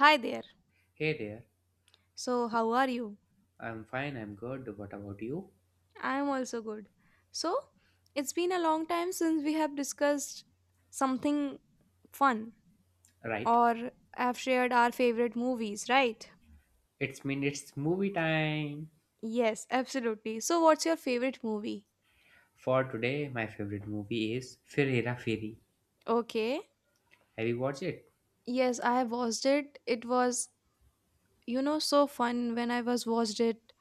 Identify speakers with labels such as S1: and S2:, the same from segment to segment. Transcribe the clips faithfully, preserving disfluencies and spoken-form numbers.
S1: Hi there.
S2: Hey there.
S1: So, how are you?
S2: I'm fine, I'm good. What about you?
S1: I am also good. So, it's been a long time since we have discussed something fun
S2: Right.
S1: or have shared our favorite movies, right?
S2: It's mean it's movie time.
S1: Yes, absolutely. So, what's your favorite movie?
S2: For today, my favorite movie is Fir Hera Feri.
S1: Okay.
S2: Have you watched it?
S1: Yes, I have watched it. It was, you know, so fun when I was watched it.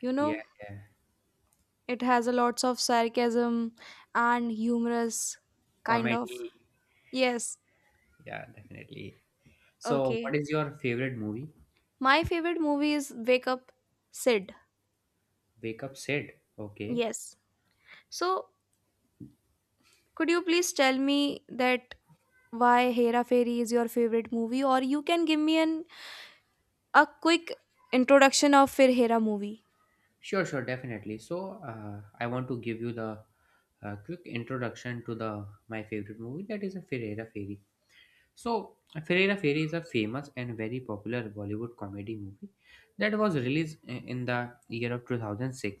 S1: You
S2: Yeah,
S1: know,
S2: yeah.
S1: it has a lots of sarcasm and humorous kind of.
S2: Comedy.
S1: Yes.
S2: Yeah, definitely. So, what
S1: Okay.
S2: is your favorite movie?
S1: My favorite movie is Wake Up Sid.
S2: Wake Up Sid. Okay.
S1: Yes. So, could you please tell me that why Hera Fairy is your favorite movie or you can give me an a quick introduction of Fir Hera movie.
S2: Sure, sure, definitely. So, uh, I want to give you the uh, quick introduction to the my favorite movie that is a Fir Hera Feri. So, Ferrera Fairy is a famous and very popular Bollywood comedy movie that was released i- in the year of two thousand six.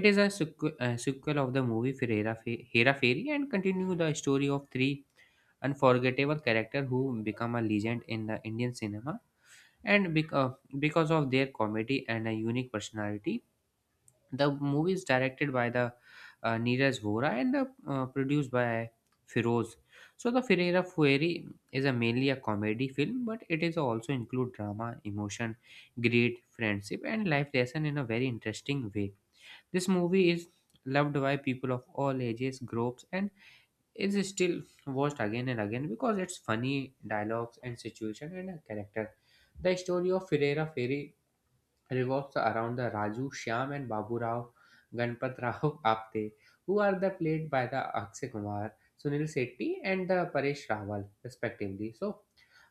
S2: It is a sequ- uh, sequel of the movie Ferrera Fe- Hera Fairy and continue the story of three unforgettable characters who become a legend in the Indian cinema and bec- uh, because of their comedy and a unique personality the movie is directed by the uh, Neeraj Vora and uh, uh, produced by Firoz. So the Ferreira Fueri is a mainly a comedy film, but it is also include drama, emotion, greed, friendship, and life lesson in a very interesting way. This movie is loved by people of all ages, groups, and is still watched again and again because it's funny dialogues and situation and a character. The story of Ferreira Ferry revolves around the Raju, Shyam and Babu Rao Ganpat Rao Apte, who are the played by the Akshay Kumar, Sunil Shetty and the Paresh Rawal, respectively. So,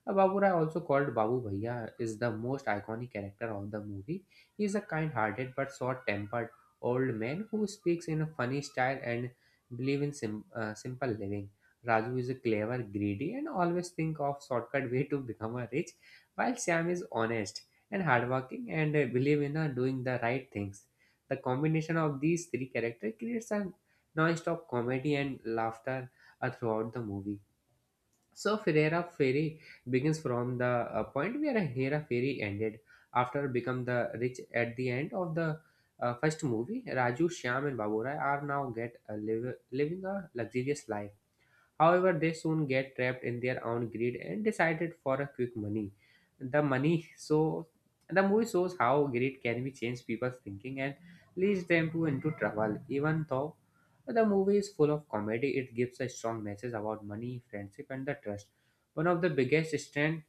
S2: uh, Babu Rao, also called Babu Bhaiya, is the most iconic character of the movie. He is a kind-hearted but short-tempered old man who speaks in a funny style and believes in sim- uh, simple living. Raju is a clever, greedy, and always think of shortcut way to become a rich, while Sam is honest and hardworking and uh, believe in uh, doing the right things. The combination of these three characters creates a non-stop comedy and laughter uh, throughout the movie. So Ferreira Ferry begins from the uh, point where Hera Ferry ended after become the rich at the end of the uh, first movie. Raju, Shyam and Baburai are now get a live, living a luxurious life. However, they soon get trapped in their own greed and decided for a quick money. The money so the movie shows how greed can be changed people's thinking and leads them to into trouble. Even though the movie is full of comedy, it gives a strong message about money, friendship, and the trust. One of the biggest strengths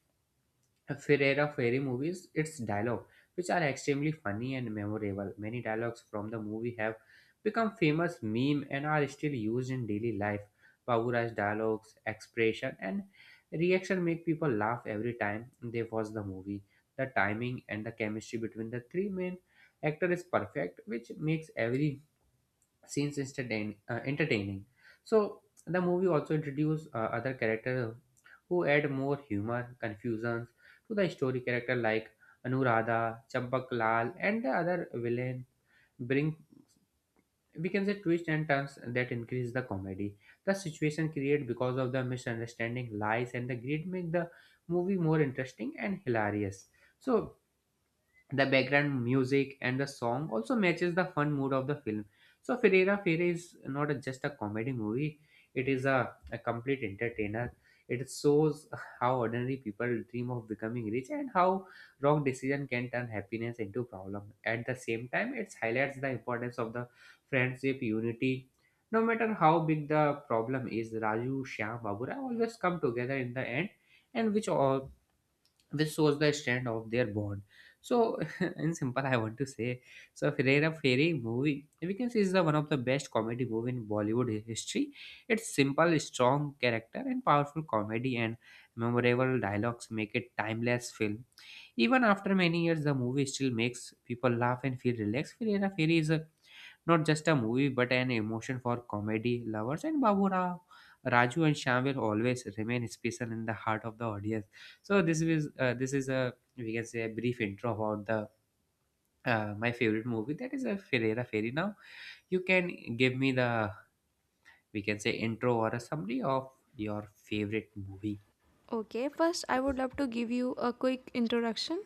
S2: Ferrera Ferry movies, its dialogue, which are extremely funny and memorable. Many dialogues from the movie have become famous meme and are still used in daily life. Bavura's dialogues, expression, and reaction make people laugh every time they watch the movie. The timing and the chemistry between the three main actors is perfect, which makes every scenes entertain, uh, entertaining. So the movie also introduced uh, other characters who add more humor, confusions to the story character like Anuradha, Champak Lal, and the other villain bring we can say twists and turns that increase the comedy. The situation created because of the misunderstanding, lies, and the greed make the movie more interesting and hilarious. So the background music and the song also matches the fun mood of the film. So Ferreira Fere is not a- just a comedy movie; it is a, a complete entertainer. It shows how ordinary people dream of becoming rich and how wrong decision can turn happiness into problem. At the same time, it highlights the importance of the friendship, unity. No matter how big the problem is, Raju, Shyam, Babura always come together in the end, and which all which shows the strength of their bond. So, in simple, I want to say, so Ferreira Ferry movie, we can say is the one of the best comedy movie in Bollywood hi- history. It's simple, strong character and powerful comedy and memorable dialogues make it timeless film. Even after many years, the movie still makes people laugh and feel relaxed. Firera Feri is a, not just a movie but an emotion for comedy lovers, and Babu Rao, Raju, and Shyam will always remain special in the heart of the audience. So this is uh, this is a we can say a brief intro about the uh, my favorite movie that is a Ferreira Fairy. Now you can give me the we can say intro or a summary of your favorite movie.
S1: Okay, first, I would love to give you a quick introduction.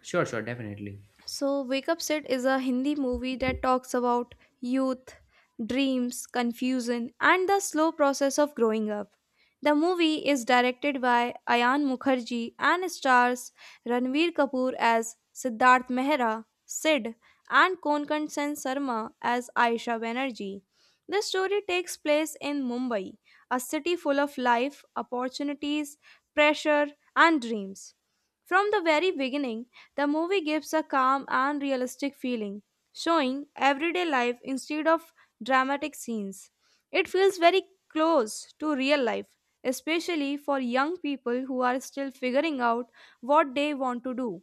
S2: Sure, sure, definitely.
S1: So, Wake Up Set is a Hindi movie that talks about youth, dreams, confusion, and the slow process of growing up. The movie is directed by Ayan Mukherjee and stars Ranveer Kapoor as Siddharth Mehra, Sid, and Konkan Sen Sarma as Aisha Banerjee. The story takes place in Mumbai, a city full of life, opportunities, pressure, and dreams. From the very beginning, the movie gives a calm and realistic feeling, showing everyday life instead of dramatic scenes. It feels very close to real life, especially for young people who are still figuring out what they want to do.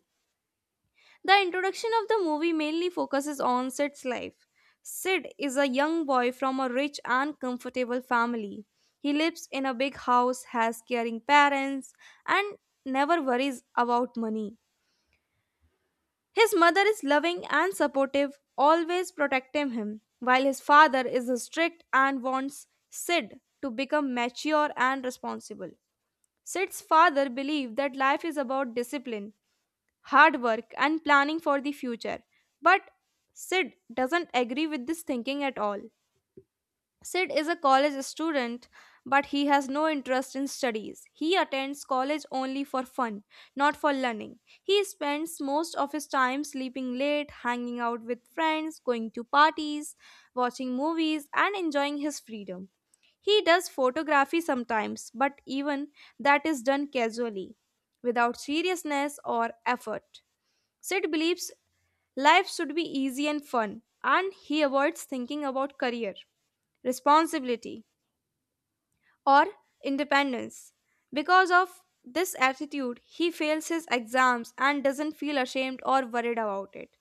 S1: The introduction of the movie mainly focuses on Sid's life. Sid is a young boy from a rich and comfortable family. He lives in a big house, has caring parents, and never worries about money. His mother is loving and supportive, always protecting him, while his father is strict and wants Sid to become mature and responsible. Sid's father believed that life is about discipline, hard work, and planning for the future, but Sid doesn't agree with this thinking at all. Sid is a college student, but he has no interest in studies. He attends college only for fun, not for learning. He spends most of his time sleeping late, hanging out with friends, going to parties, watching movies, and enjoying his freedom. He does photography sometimes, but even that is done casually, without seriousness or effort. Sid believes life should be easy and fun, and he avoids thinking about career responsibility, or independence. Because of this attitude, he fails his exams and doesn't feel ashamed or worried about it.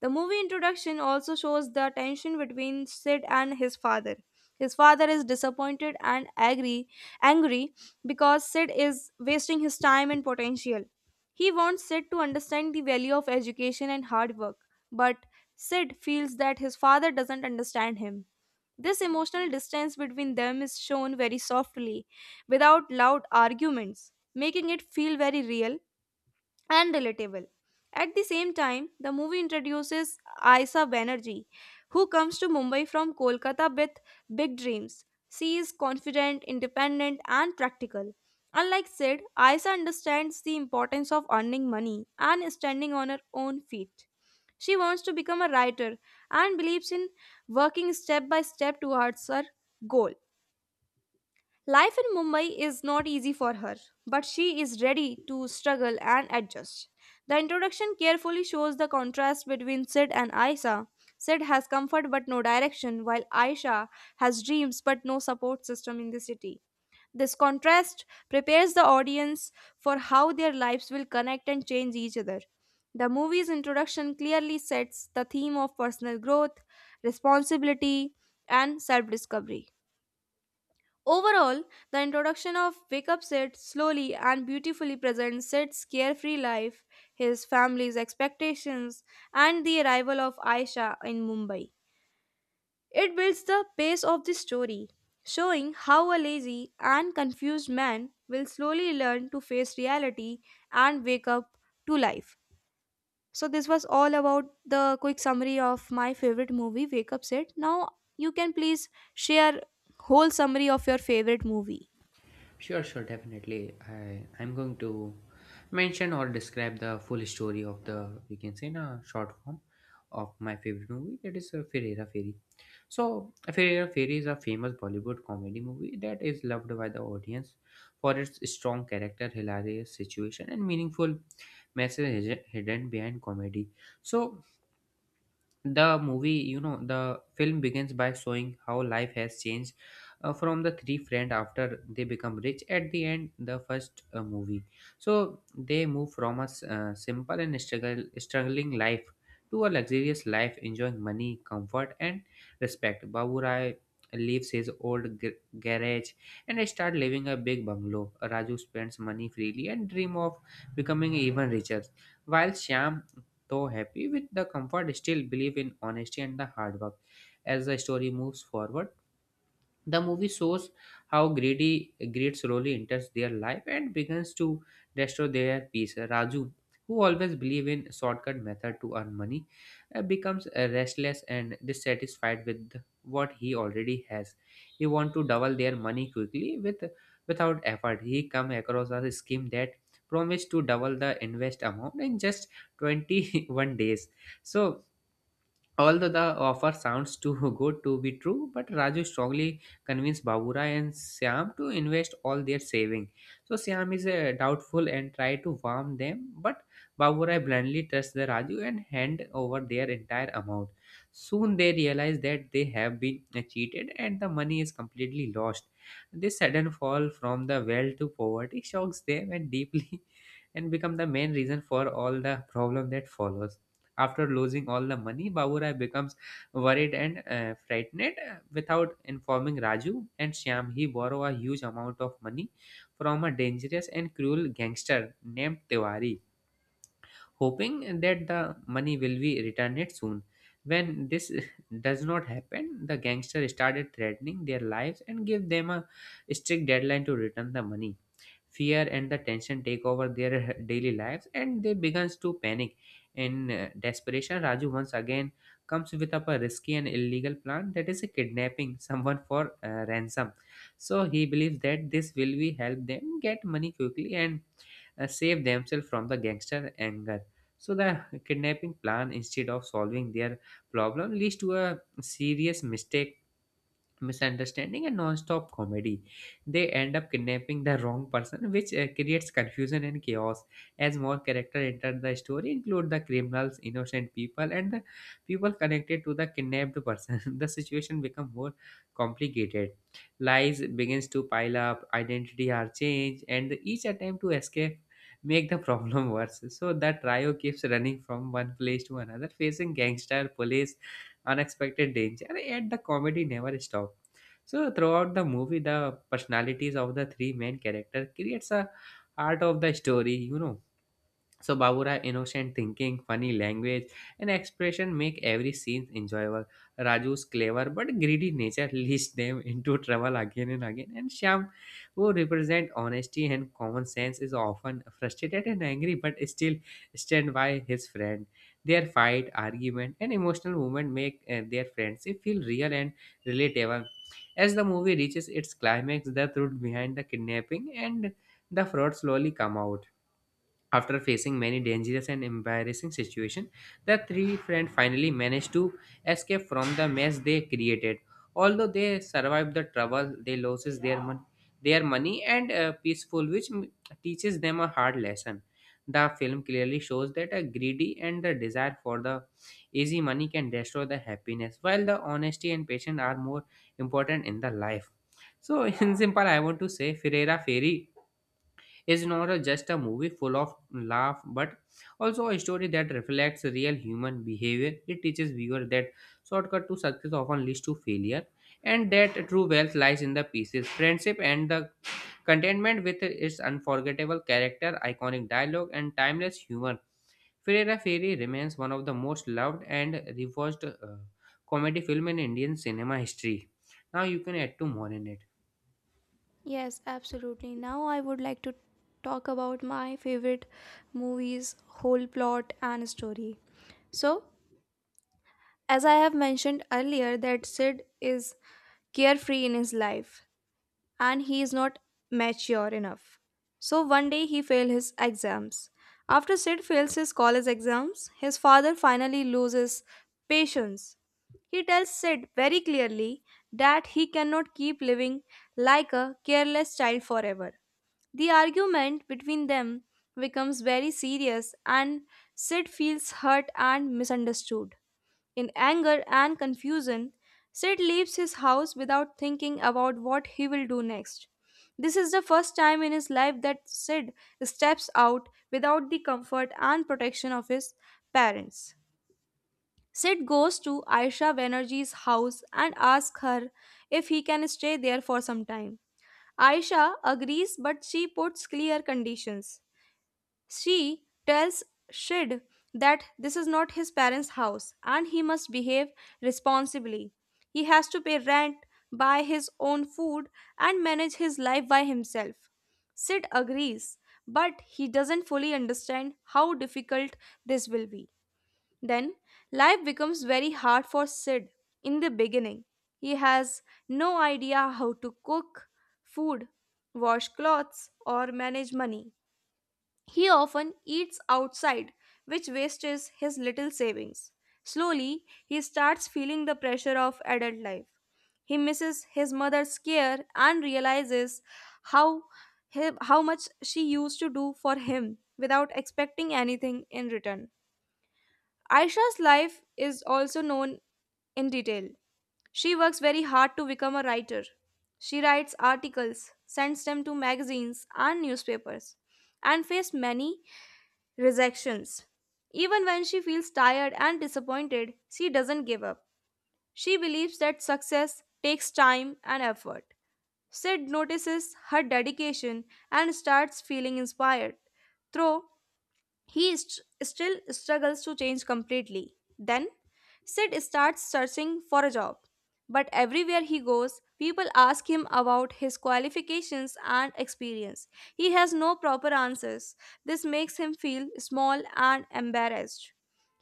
S1: The movie introduction also shows the tension between Sid and his father. His father is disappointed and angry, angry because Sid is wasting his time and potential. He wants Sid to understand the value of education and hard work, but Sid feels that his father doesn't understand him. This emotional distance between them is shown very softly, without loud arguments, making it feel very real and relatable. At the same time, the movie introduces Aisa Banerjee, who comes to Mumbai from Kolkata with big dreams. She is confident, independent, and practical. Unlike Sid, Aisa understands the importance of earning money and standing on her own feet. She wants to become a writer and believes in working step by step towards her goal. Life in Mumbai is not easy for her, but she is ready to struggle and adjust. The introduction carefully shows the contrast between Sid and Aisha. Sid has comfort but no direction, while Aisha has dreams but no support system in the city. This contrast prepares the audience for how their lives will connect and change each other. The movie's introduction clearly sets the theme of personal growth, responsibility, and self discovery. Overall, the introduction of Wake Up Sid slowly and beautifully presents Sid's carefree life, his family's expectations, and the arrival of Aisha in Mumbai. It builds the pace of the story, showing how a lazy and confused man will slowly learn to face reality and wake up to life. So, this was all about the quick summary of my favorite movie, Wake Up Set. Now, you can please share whole summary of your favorite movie.
S2: Sure, sure, definitely. I I'm going to mention or describe the full story of the we can say in a short form of my favorite movie that is uh, Fir Hera Fairy. So, Fir Hera Fairy is a famous Bollywood comedy movie that is loved by the audience for its strong character, hilarious situation, and meaningful message hidden behind comedy. So, the movie you know the film begins by showing how life has changed uh, from the three friends after they become rich at the end the first uh, movie. So they move from a s- uh, simple and struggle, struggling life to a luxurious life enjoying money comfort and respect. Baburai leaves his old g- garage and start living a big bungalow. Raju spends money freely and dream of becoming even richer, while Shyam though happy with the comfort, still believe in honesty and the hard work. As the story moves forward, the movie shows how greedy greed slowly enters their life and begins to destroy their peace. Raju, who always believe in shortcut method to earn money, uh, becomes uh, restless and dissatisfied with what he already has. He wants to double their money quickly with without effort. He come across a scheme that promised to double the invest amount in just twenty-one days. So, although the offer sounds too good to be true, but Raju strongly convinced Babura and Siam to invest all their saving. So Siam is uh, doubtful and try to warm them, but Babura blindly trusts the Raju and hand over their entire amount. Soon they realize that they have been uh, cheated and the money is completely lost. This sudden fall from the well to poverty shocks them and deeply and become the main reason for all the problem that follows. After losing all the money, Baburai becomes worried and uh, frightened. uh, Without informing Raju and Shyam, he borrows a huge amount of money from a dangerous and cruel gangster named Tiwari, hoping that the money will be returned soon. When this does not happen, the gangster started threatening their lives and give them a strict deadline to return the money. Fear and the tension take over their daily lives, and they begins to panic. In uh, desperation, Raju once again comes with up a risky and illegal plan, that is a kidnapping someone for uh, ransom. So he believes that this will be help them get money quickly and uh, save themselves from the gangster anger. So the kidnapping plan, instead of solving their problem, leads to a serious mistake, misunderstanding, and non-stop comedy. They end up kidnapping the wrong person, which uh, creates confusion and chaos. As more characters enter the story include the criminals, innocent people, and the people connected to the kidnapped person the situation become more complicated. Lies begins to pile up, identity are changed, and each attempt to escape make the problem worse. So the trio keeps running from one place to another, facing gangster, police, unexpected danger, yet the comedy never stops. So throughout the movie, the personalities of the three main characters creates a heart of the story, you know So Babura innocent thinking, funny language, and expression make every scene enjoyable. Raju's clever but greedy nature leads them into trouble again and again. And Shyam, who represent honesty and common sense, is often frustrated and angry but still stand by his friend. Their fight, argument, and emotional moment make uh, their friendship feel real and relatable. As the movie reaches its climax, the truth behind the kidnapping and the fraud slowly come out. After facing many dangerous and embarrassing situations, the three friends finally managed to escape from the mess they created. Although they survived the trouble, they loses their money, their money and uh, peaceful, which m- teaches them a hard lesson. The film clearly shows that a greedy and the desire for the easy money can destroy the happiness, while the honesty and patience are more important in the life. So, in simple, I want to say, Ferreira Ferry is not a- just a movie full of laugh but also a story that reflects real human behavior. It teaches viewer that shortcut to success often leads to failure, and that true wealth lies in the pieces friendship and the contentment. With its unforgettable character, iconic dialogue, and timeless humor, Ferrera Ferry remains one of the most loved and rewatched uh, comedy film in Indian cinema history. Now you can add two more in it.
S1: Yes, absolutely. Now I would like to talk about my favorite movie's whole plot and story. So, as I have mentioned earlier that Sid is carefree in his life and he is not mature enough. So one day he failed his exams. After Sid fails his college exams, his father finally loses patience. He tells Sid very clearly that he cannot keep living like a careless child forever. The argument between them becomes very serious and Sid feels hurt and misunderstood. In anger and confusion, Sid leaves his house without thinking about what he will do next. This is the first time in his life that Sid steps out without the comfort and protection of his parents. Sid goes to Aisha Banerjee's house and asks her if he can stay there for some time. Aisha agrees but she puts clear conditions. She tells Sid that this is not his parents' house and he must behave responsibly. He has to pay rent, buy his own food, and manage his life by himself. Sid agrees, but he doesn't fully understand how difficult this will be. Then, life becomes very hard for Sid in the beginning. He has no idea how to cook food, wash clothes, or manage money. He often eats outside, which wastes his little savings. Slowly, he starts feeling the pressure of adult life. He misses his mother's care and realizes how, he- how much she used to do for him without expecting anything in return. Aisha's life is also known in detail. She works very hard to become a writer. She writes articles, sends them to magazines and newspapers, and faced many rejections. Even when she feels tired and disappointed, she doesn't give up. She believes that success takes time and effort. Sid notices her dedication and starts feeling inspired. Through he st- still struggles to change completely. Then, Sid starts searching for a job. But everywhere he goes, people ask him about his qualifications and experience. He has no proper answers. This makes him feel small and embarrassed.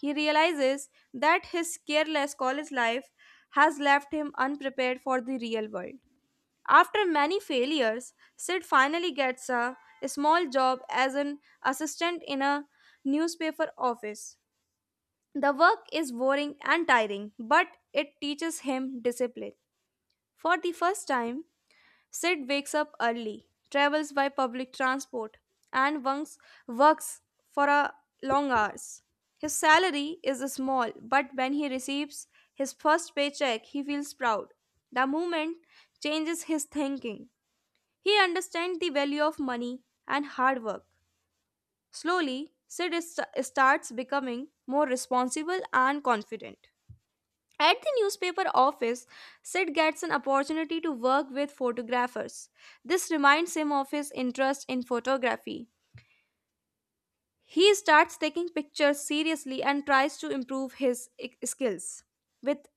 S1: He realizes that his careless college life has left him unprepared for the real world. After many failures, Sid finally gets a, a small job as an assistant in a newspaper office. The work is boring and tiring, but it teaches him discipline. For the first time, Sid wakes up early, travels by public transport, and works, works for a long hours. His salary is small, but when he receives his first paycheck, he feels proud. The movement changes his thinking. He understands the value of money and hard work. Slowly, Sid is- starts becoming more responsible and confident. At the newspaper office, Sid gets an opportunity to work with photographers. This reminds him of his interest in photography. He starts taking pictures seriously and tries to improve his i- skills. With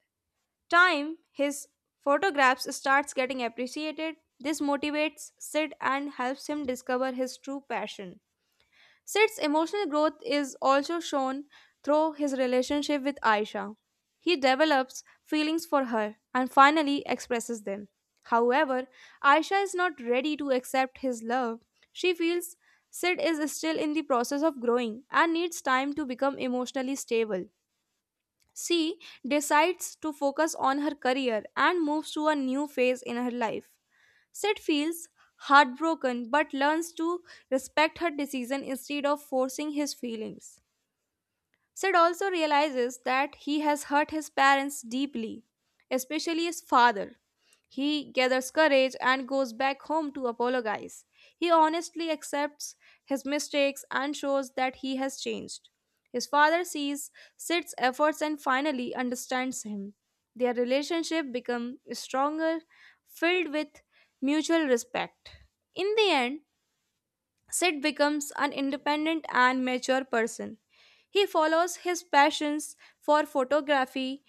S1: time, his photographs starts getting appreciated. This motivates Sid and helps him discover his true passion. Sid's emotional growth is also shown through his relationship with Aisha. He develops feelings for her and finally expresses them. However, Aisha is not ready to accept his love. She feels Sid is still in the process of growing and needs time to become emotionally stable. She decides to focus on her career and moves to a new phase in her life. Sid feels heartbroken but learns to respect her decision instead of forcing his feelings. Sid also realizes that he has hurt his parents deeply, especially his father. He gathers courage and goes back home to apologize. He honestly accepts his mistakes and shows that he has changed. His father sees Sid's efforts and finally understands him. Their relationship becomes stronger, filled with mutual respect. In the end, Sid becomes an independent and mature person. He follows his passions for photography,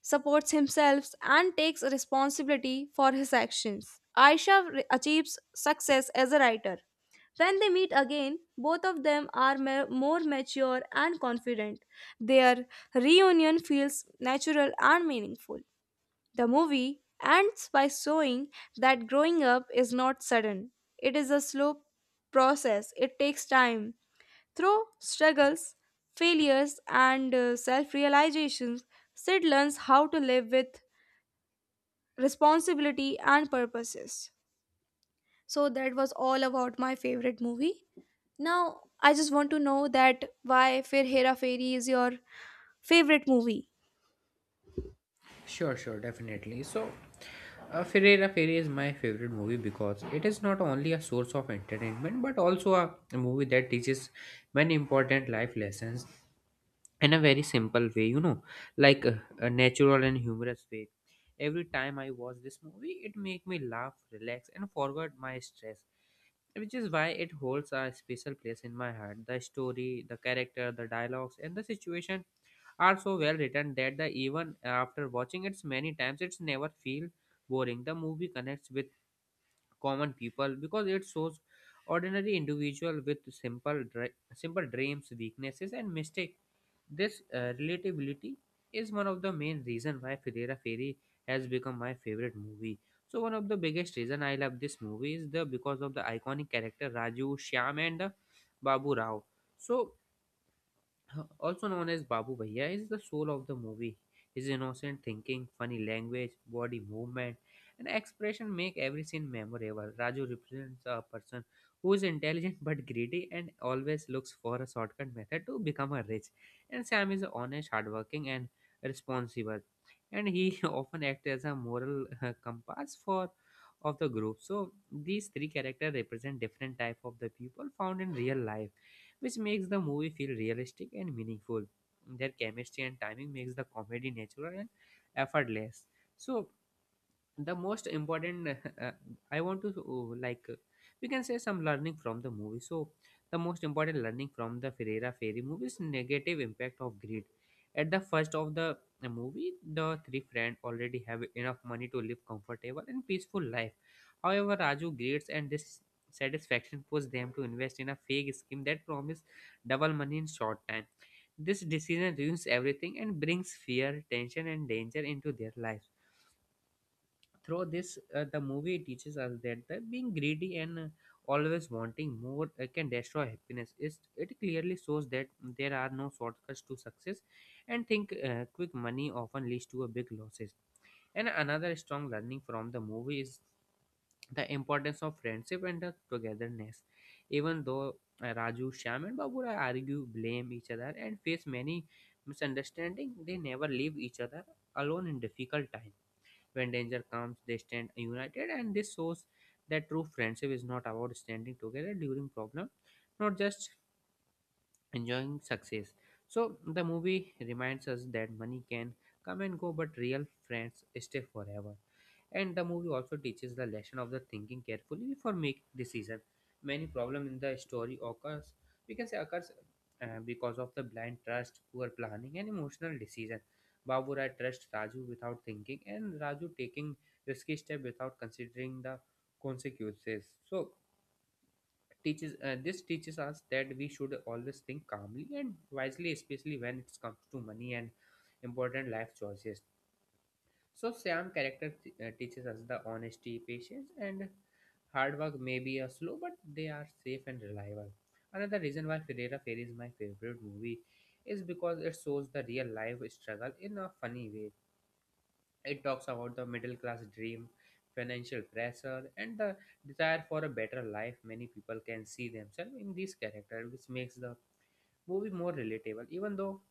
S1: supports himself, and takes responsibility for his actions. Aisha re- achieves success as a writer. When they meet again, both of them are ma- more mature and confident. Their reunion feels natural and meaningful. The movie ends by showing that growing up is not sudden, it is a slow process, it takes time. Through struggles, failures, and self realizations, Sid learns how to live with responsibility and purposes. So, that was all about my favorite movie. Now, I just want to know that why Fir Hera Fairy is your favorite movie.
S2: Sure, sure, definitely. So, uh, Ferreira Fairy is my favorite movie because it is not only a source of entertainment but also a, a movie that teaches many important life lessons in a very simple way, you know, like uh, a natural and humorous way. Every time I watch this movie, it make me laugh, relax, and forget my stress which is why it holds a special place in my heart. The story, the character, the dialogues, and the situation are so well written that the even after watching it many times it's never feel boring. The movie connects with common people because it shows ordinary individual with simple dre- simple dreams, weaknesses, and mistakes. This uh, relatability is one of the main reason why Ferreira Ferry has become my favorite movie. So one of the biggest reason I love this movie is the because of the iconic character Raju, Shyam, and the Babu Rao. So also known as Babu Bhaiya, is the soul of the movie. His innocent thinking, funny language, body movement, and expression make every scene memorable. Raju represents a person who is intelligent but greedy and always looks for a shortcut method to become a rich. And Sam is honest, hardworking, and responsible. And he often acts as a moral uh, compass for of the group. So these three characters represent different type of the people found in real life, which makes the movie feel realistic and meaningful. Their chemistry and timing makes the comedy natural and effortless. So the most important uh, I want to uh, like uh, we can say some learning from the movie. So the most important learning from the Ferreira Fairy movie is negative impact of greed. At the first of the uh, movie, the three friends already have enough money to live comfortable and peaceful life. However, Raju greeds and dissatisfaction push them to invest in a fake scheme that promise double money in short time. This decision ruins everything and brings fear, tension, and danger into their lives. Through this uh, the movie teaches us that the being greedy and uh, always wanting more uh, can destroy happiness. It's, it clearly shows that there are no shortcuts to success, and think uh, quick money often leads to a big losses. And another strong learning from the movie is the importance of friendship and the togetherness. Even though uh, Raju, Shyam, and Babura argue, blame each other, and face many misunderstandings, they never leave each other alone in difficult times. When danger comes, they stand united, and this shows that true friendship is not about standing together during problem, not just enjoying success. So the movie reminds us that money can come and go, but real friends stay forever. And the movie also teaches the lesson of the thinking carefully before making decision. Many problem in the story occurs, we can say occurs uh, because of the blind trust, poor planning, and emotional decision. Baburai trusts Raju without thinking, and Raju taking risky step without considering the consequences. So teaches uh, this teaches us that we should always think calmly and wisely, especially when it comes to money and important life choices. So Sam character t- uh, teaches us the honesty, patience, and hard work may be a slow but they are safe and reliable. Another reason why Ferrera Fair is my favorite movie is because it shows the real life struggle in a funny way. It talks about the middle class dream, financial pressure, and the desire for a better life. Many people can see themselves in these characters, which makes the movie more relatable. Even though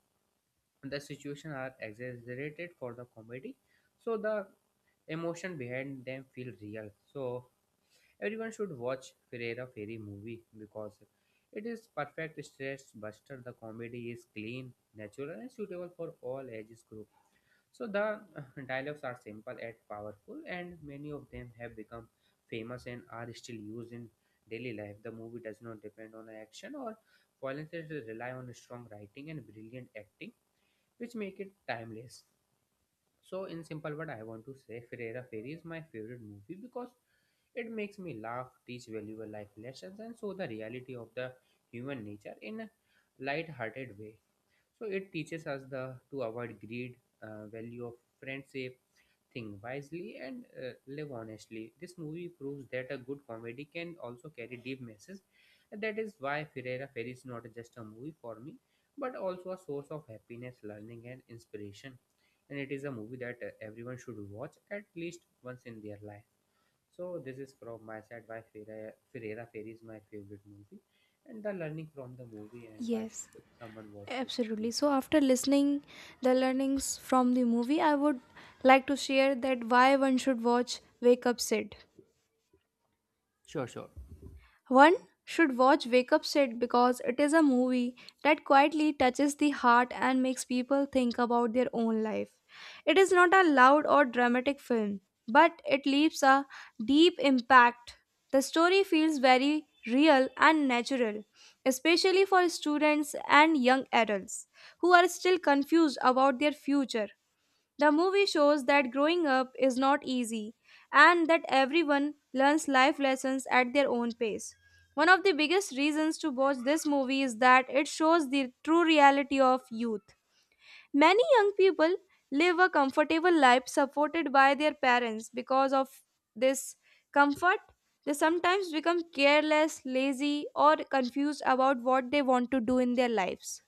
S2: the situations are exaggerated for the comedy, so the emotion behind them feel real. So everyone should watch Ferreira Ferry movie because it is perfect stress buster. The comedy is clean, natural, and suitable for all ages group. So the dialogues are simple yet powerful, and many of them have become famous and are still used in daily life. The movie does not depend on action or violence; it rely on strong writing and brilliant acting, which make it timeless. So, in simple word, I want to say Ferreira Fairy is my favorite movie because it makes me laugh, teach valuable life lessons, and show the reality of the human nature in a light-hearted way. So it teaches us the to avoid greed, uh, value of friendship, think wisely, and uh, live honestly. This movie proves that a good comedy can also carry deep messages. And that is why Ferreira Ferry is not just a movie for me, but also a source of happiness, learning, and inspiration. And it is a movie that uh, everyone should watch at least once in their life. So this is from my side why Ferreira, Ferreira Ferry is my favorite movie, and the learning from the movie, and why
S1: Yes.
S2: should someone watch this
S1: Absolutely.
S2: movie.
S1: So, after listening the learnings from the movie, I would like to share that why one should watch Wake Up Sid.
S2: Sure, sure,
S1: One should watch Wake Up Sid because it is a movie that quietly touches the heart and makes people think about their own life. It is not a loud or dramatic film, but it leaves a deep impact. The story feels very real and natural, especially for students and young adults who are still confused about their future. The movie shows that growing up is not easy and that everyone learns life lessons at their own pace. One of the biggest reasons to watch this movie is that it shows the true reality of youth. Many young people live a comfortable life supported by their parents. Because of this comfort, they sometimes become careless, lazy, or confused about what they want to do in their lives.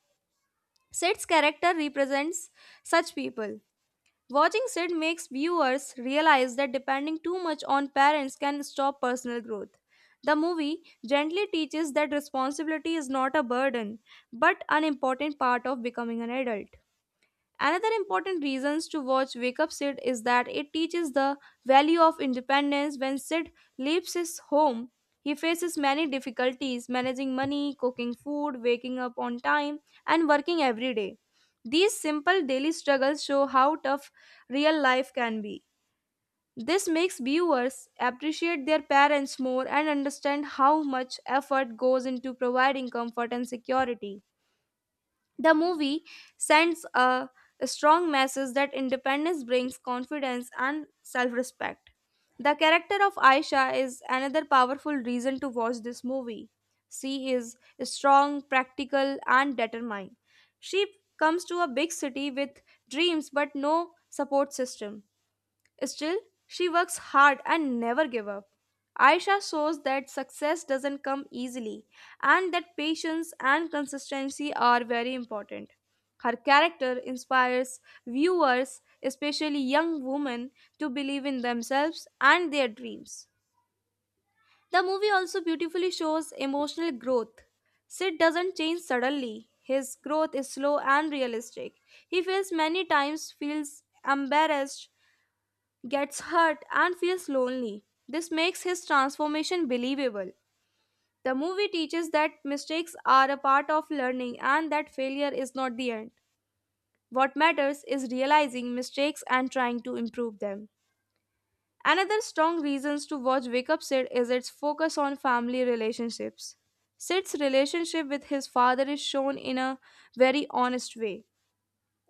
S1: Sid's character represents such people. Watching Sid makes viewers realize that depending too much on parents can stop personal growth. The movie gently teaches that responsibility is not a burden, but an important part of becoming an adult. Another important reasons to watch Wake Up Sid is that it teaches the value of independence when Sid leaves his home. He faces many difficulties managing money, cooking food, waking up on time, and working every day. These simple daily struggles show how tough real life can be. This makes viewers appreciate their parents more and understand how much effort goes into providing comfort and security. The movie sends a strong message that independence brings confidence and self respect. The character of Aisha is another powerful reason to watch this movie. She is strong, practical, and determined. She comes to a big city with dreams but no support system. Still, she works hard and never gives up. Aisha shows that success doesn't come easily and that patience and consistency are very important. Her character inspires viewers, especially young women, to believe in themselves and their dreams. The movie also beautifully shows emotional growth. Sid doesn't change suddenly. His growth is slow and realistic. He feels many times feels embarrassed, gets hurt and feels lonely. This makes his transformation believable. The movie teaches that mistakes are a part of learning and that failure is not the end. What matters is realizing mistakes and trying to improve them. Another strong reasons to watch Wake Up Sid is its focus on family relationships. Sid's relationship with his father is shown in a very honest way.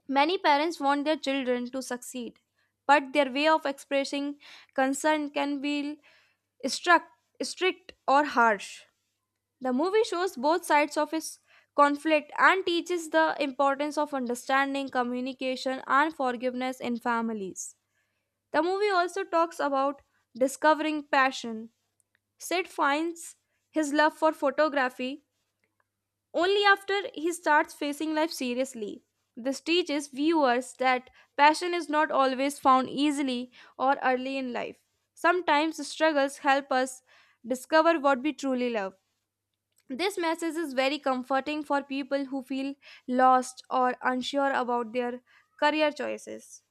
S1: Many parents want their children to succeed, but their way of expressing concern can feel struck, strict or harsh. The movie shows both sides of his conflict and teaches the importance of understanding, communication, and forgiveness in families. The movie also talks about discovering passion. Sid finds his love for photography only after he starts facing life seriously. This teaches viewers that passion is not always found easily or early in life. Sometimes struggles help us discover what we truly love. This message is very comforting for people who feel lost or unsure about their career choices.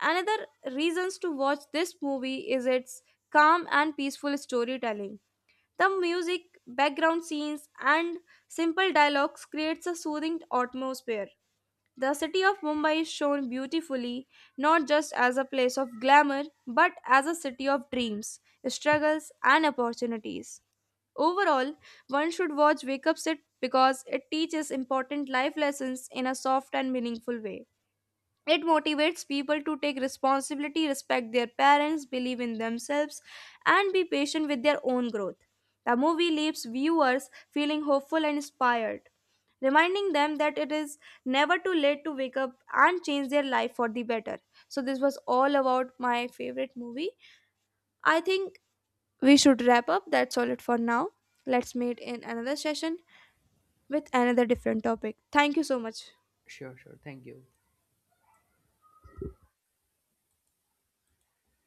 S1: Another reasons to watch this movie is its calm and peaceful storytelling. The music, background scenes, and simple dialogues creates a soothing atmosphere. The city of Mumbai is shown beautifully, not just as a place of glamour but as a city of dreams, struggles, and opportunities. Overall, one should watch Wake Up Sit because it teaches important life lessons in a soft and meaningful way. It motivates people to take responsibility, respect their parents, believe in themselves, and be patient with their own growth. The movie leaves viewers feeling hopeful and inspired, reminding them that it is never too late to wake up and change their life for the better. So, this was all about my favorite movie. I think we should wrap up. That's all it for now. Let's meet in another session with another different topic. Thank you so much.
S2: sure, sure. Thank you.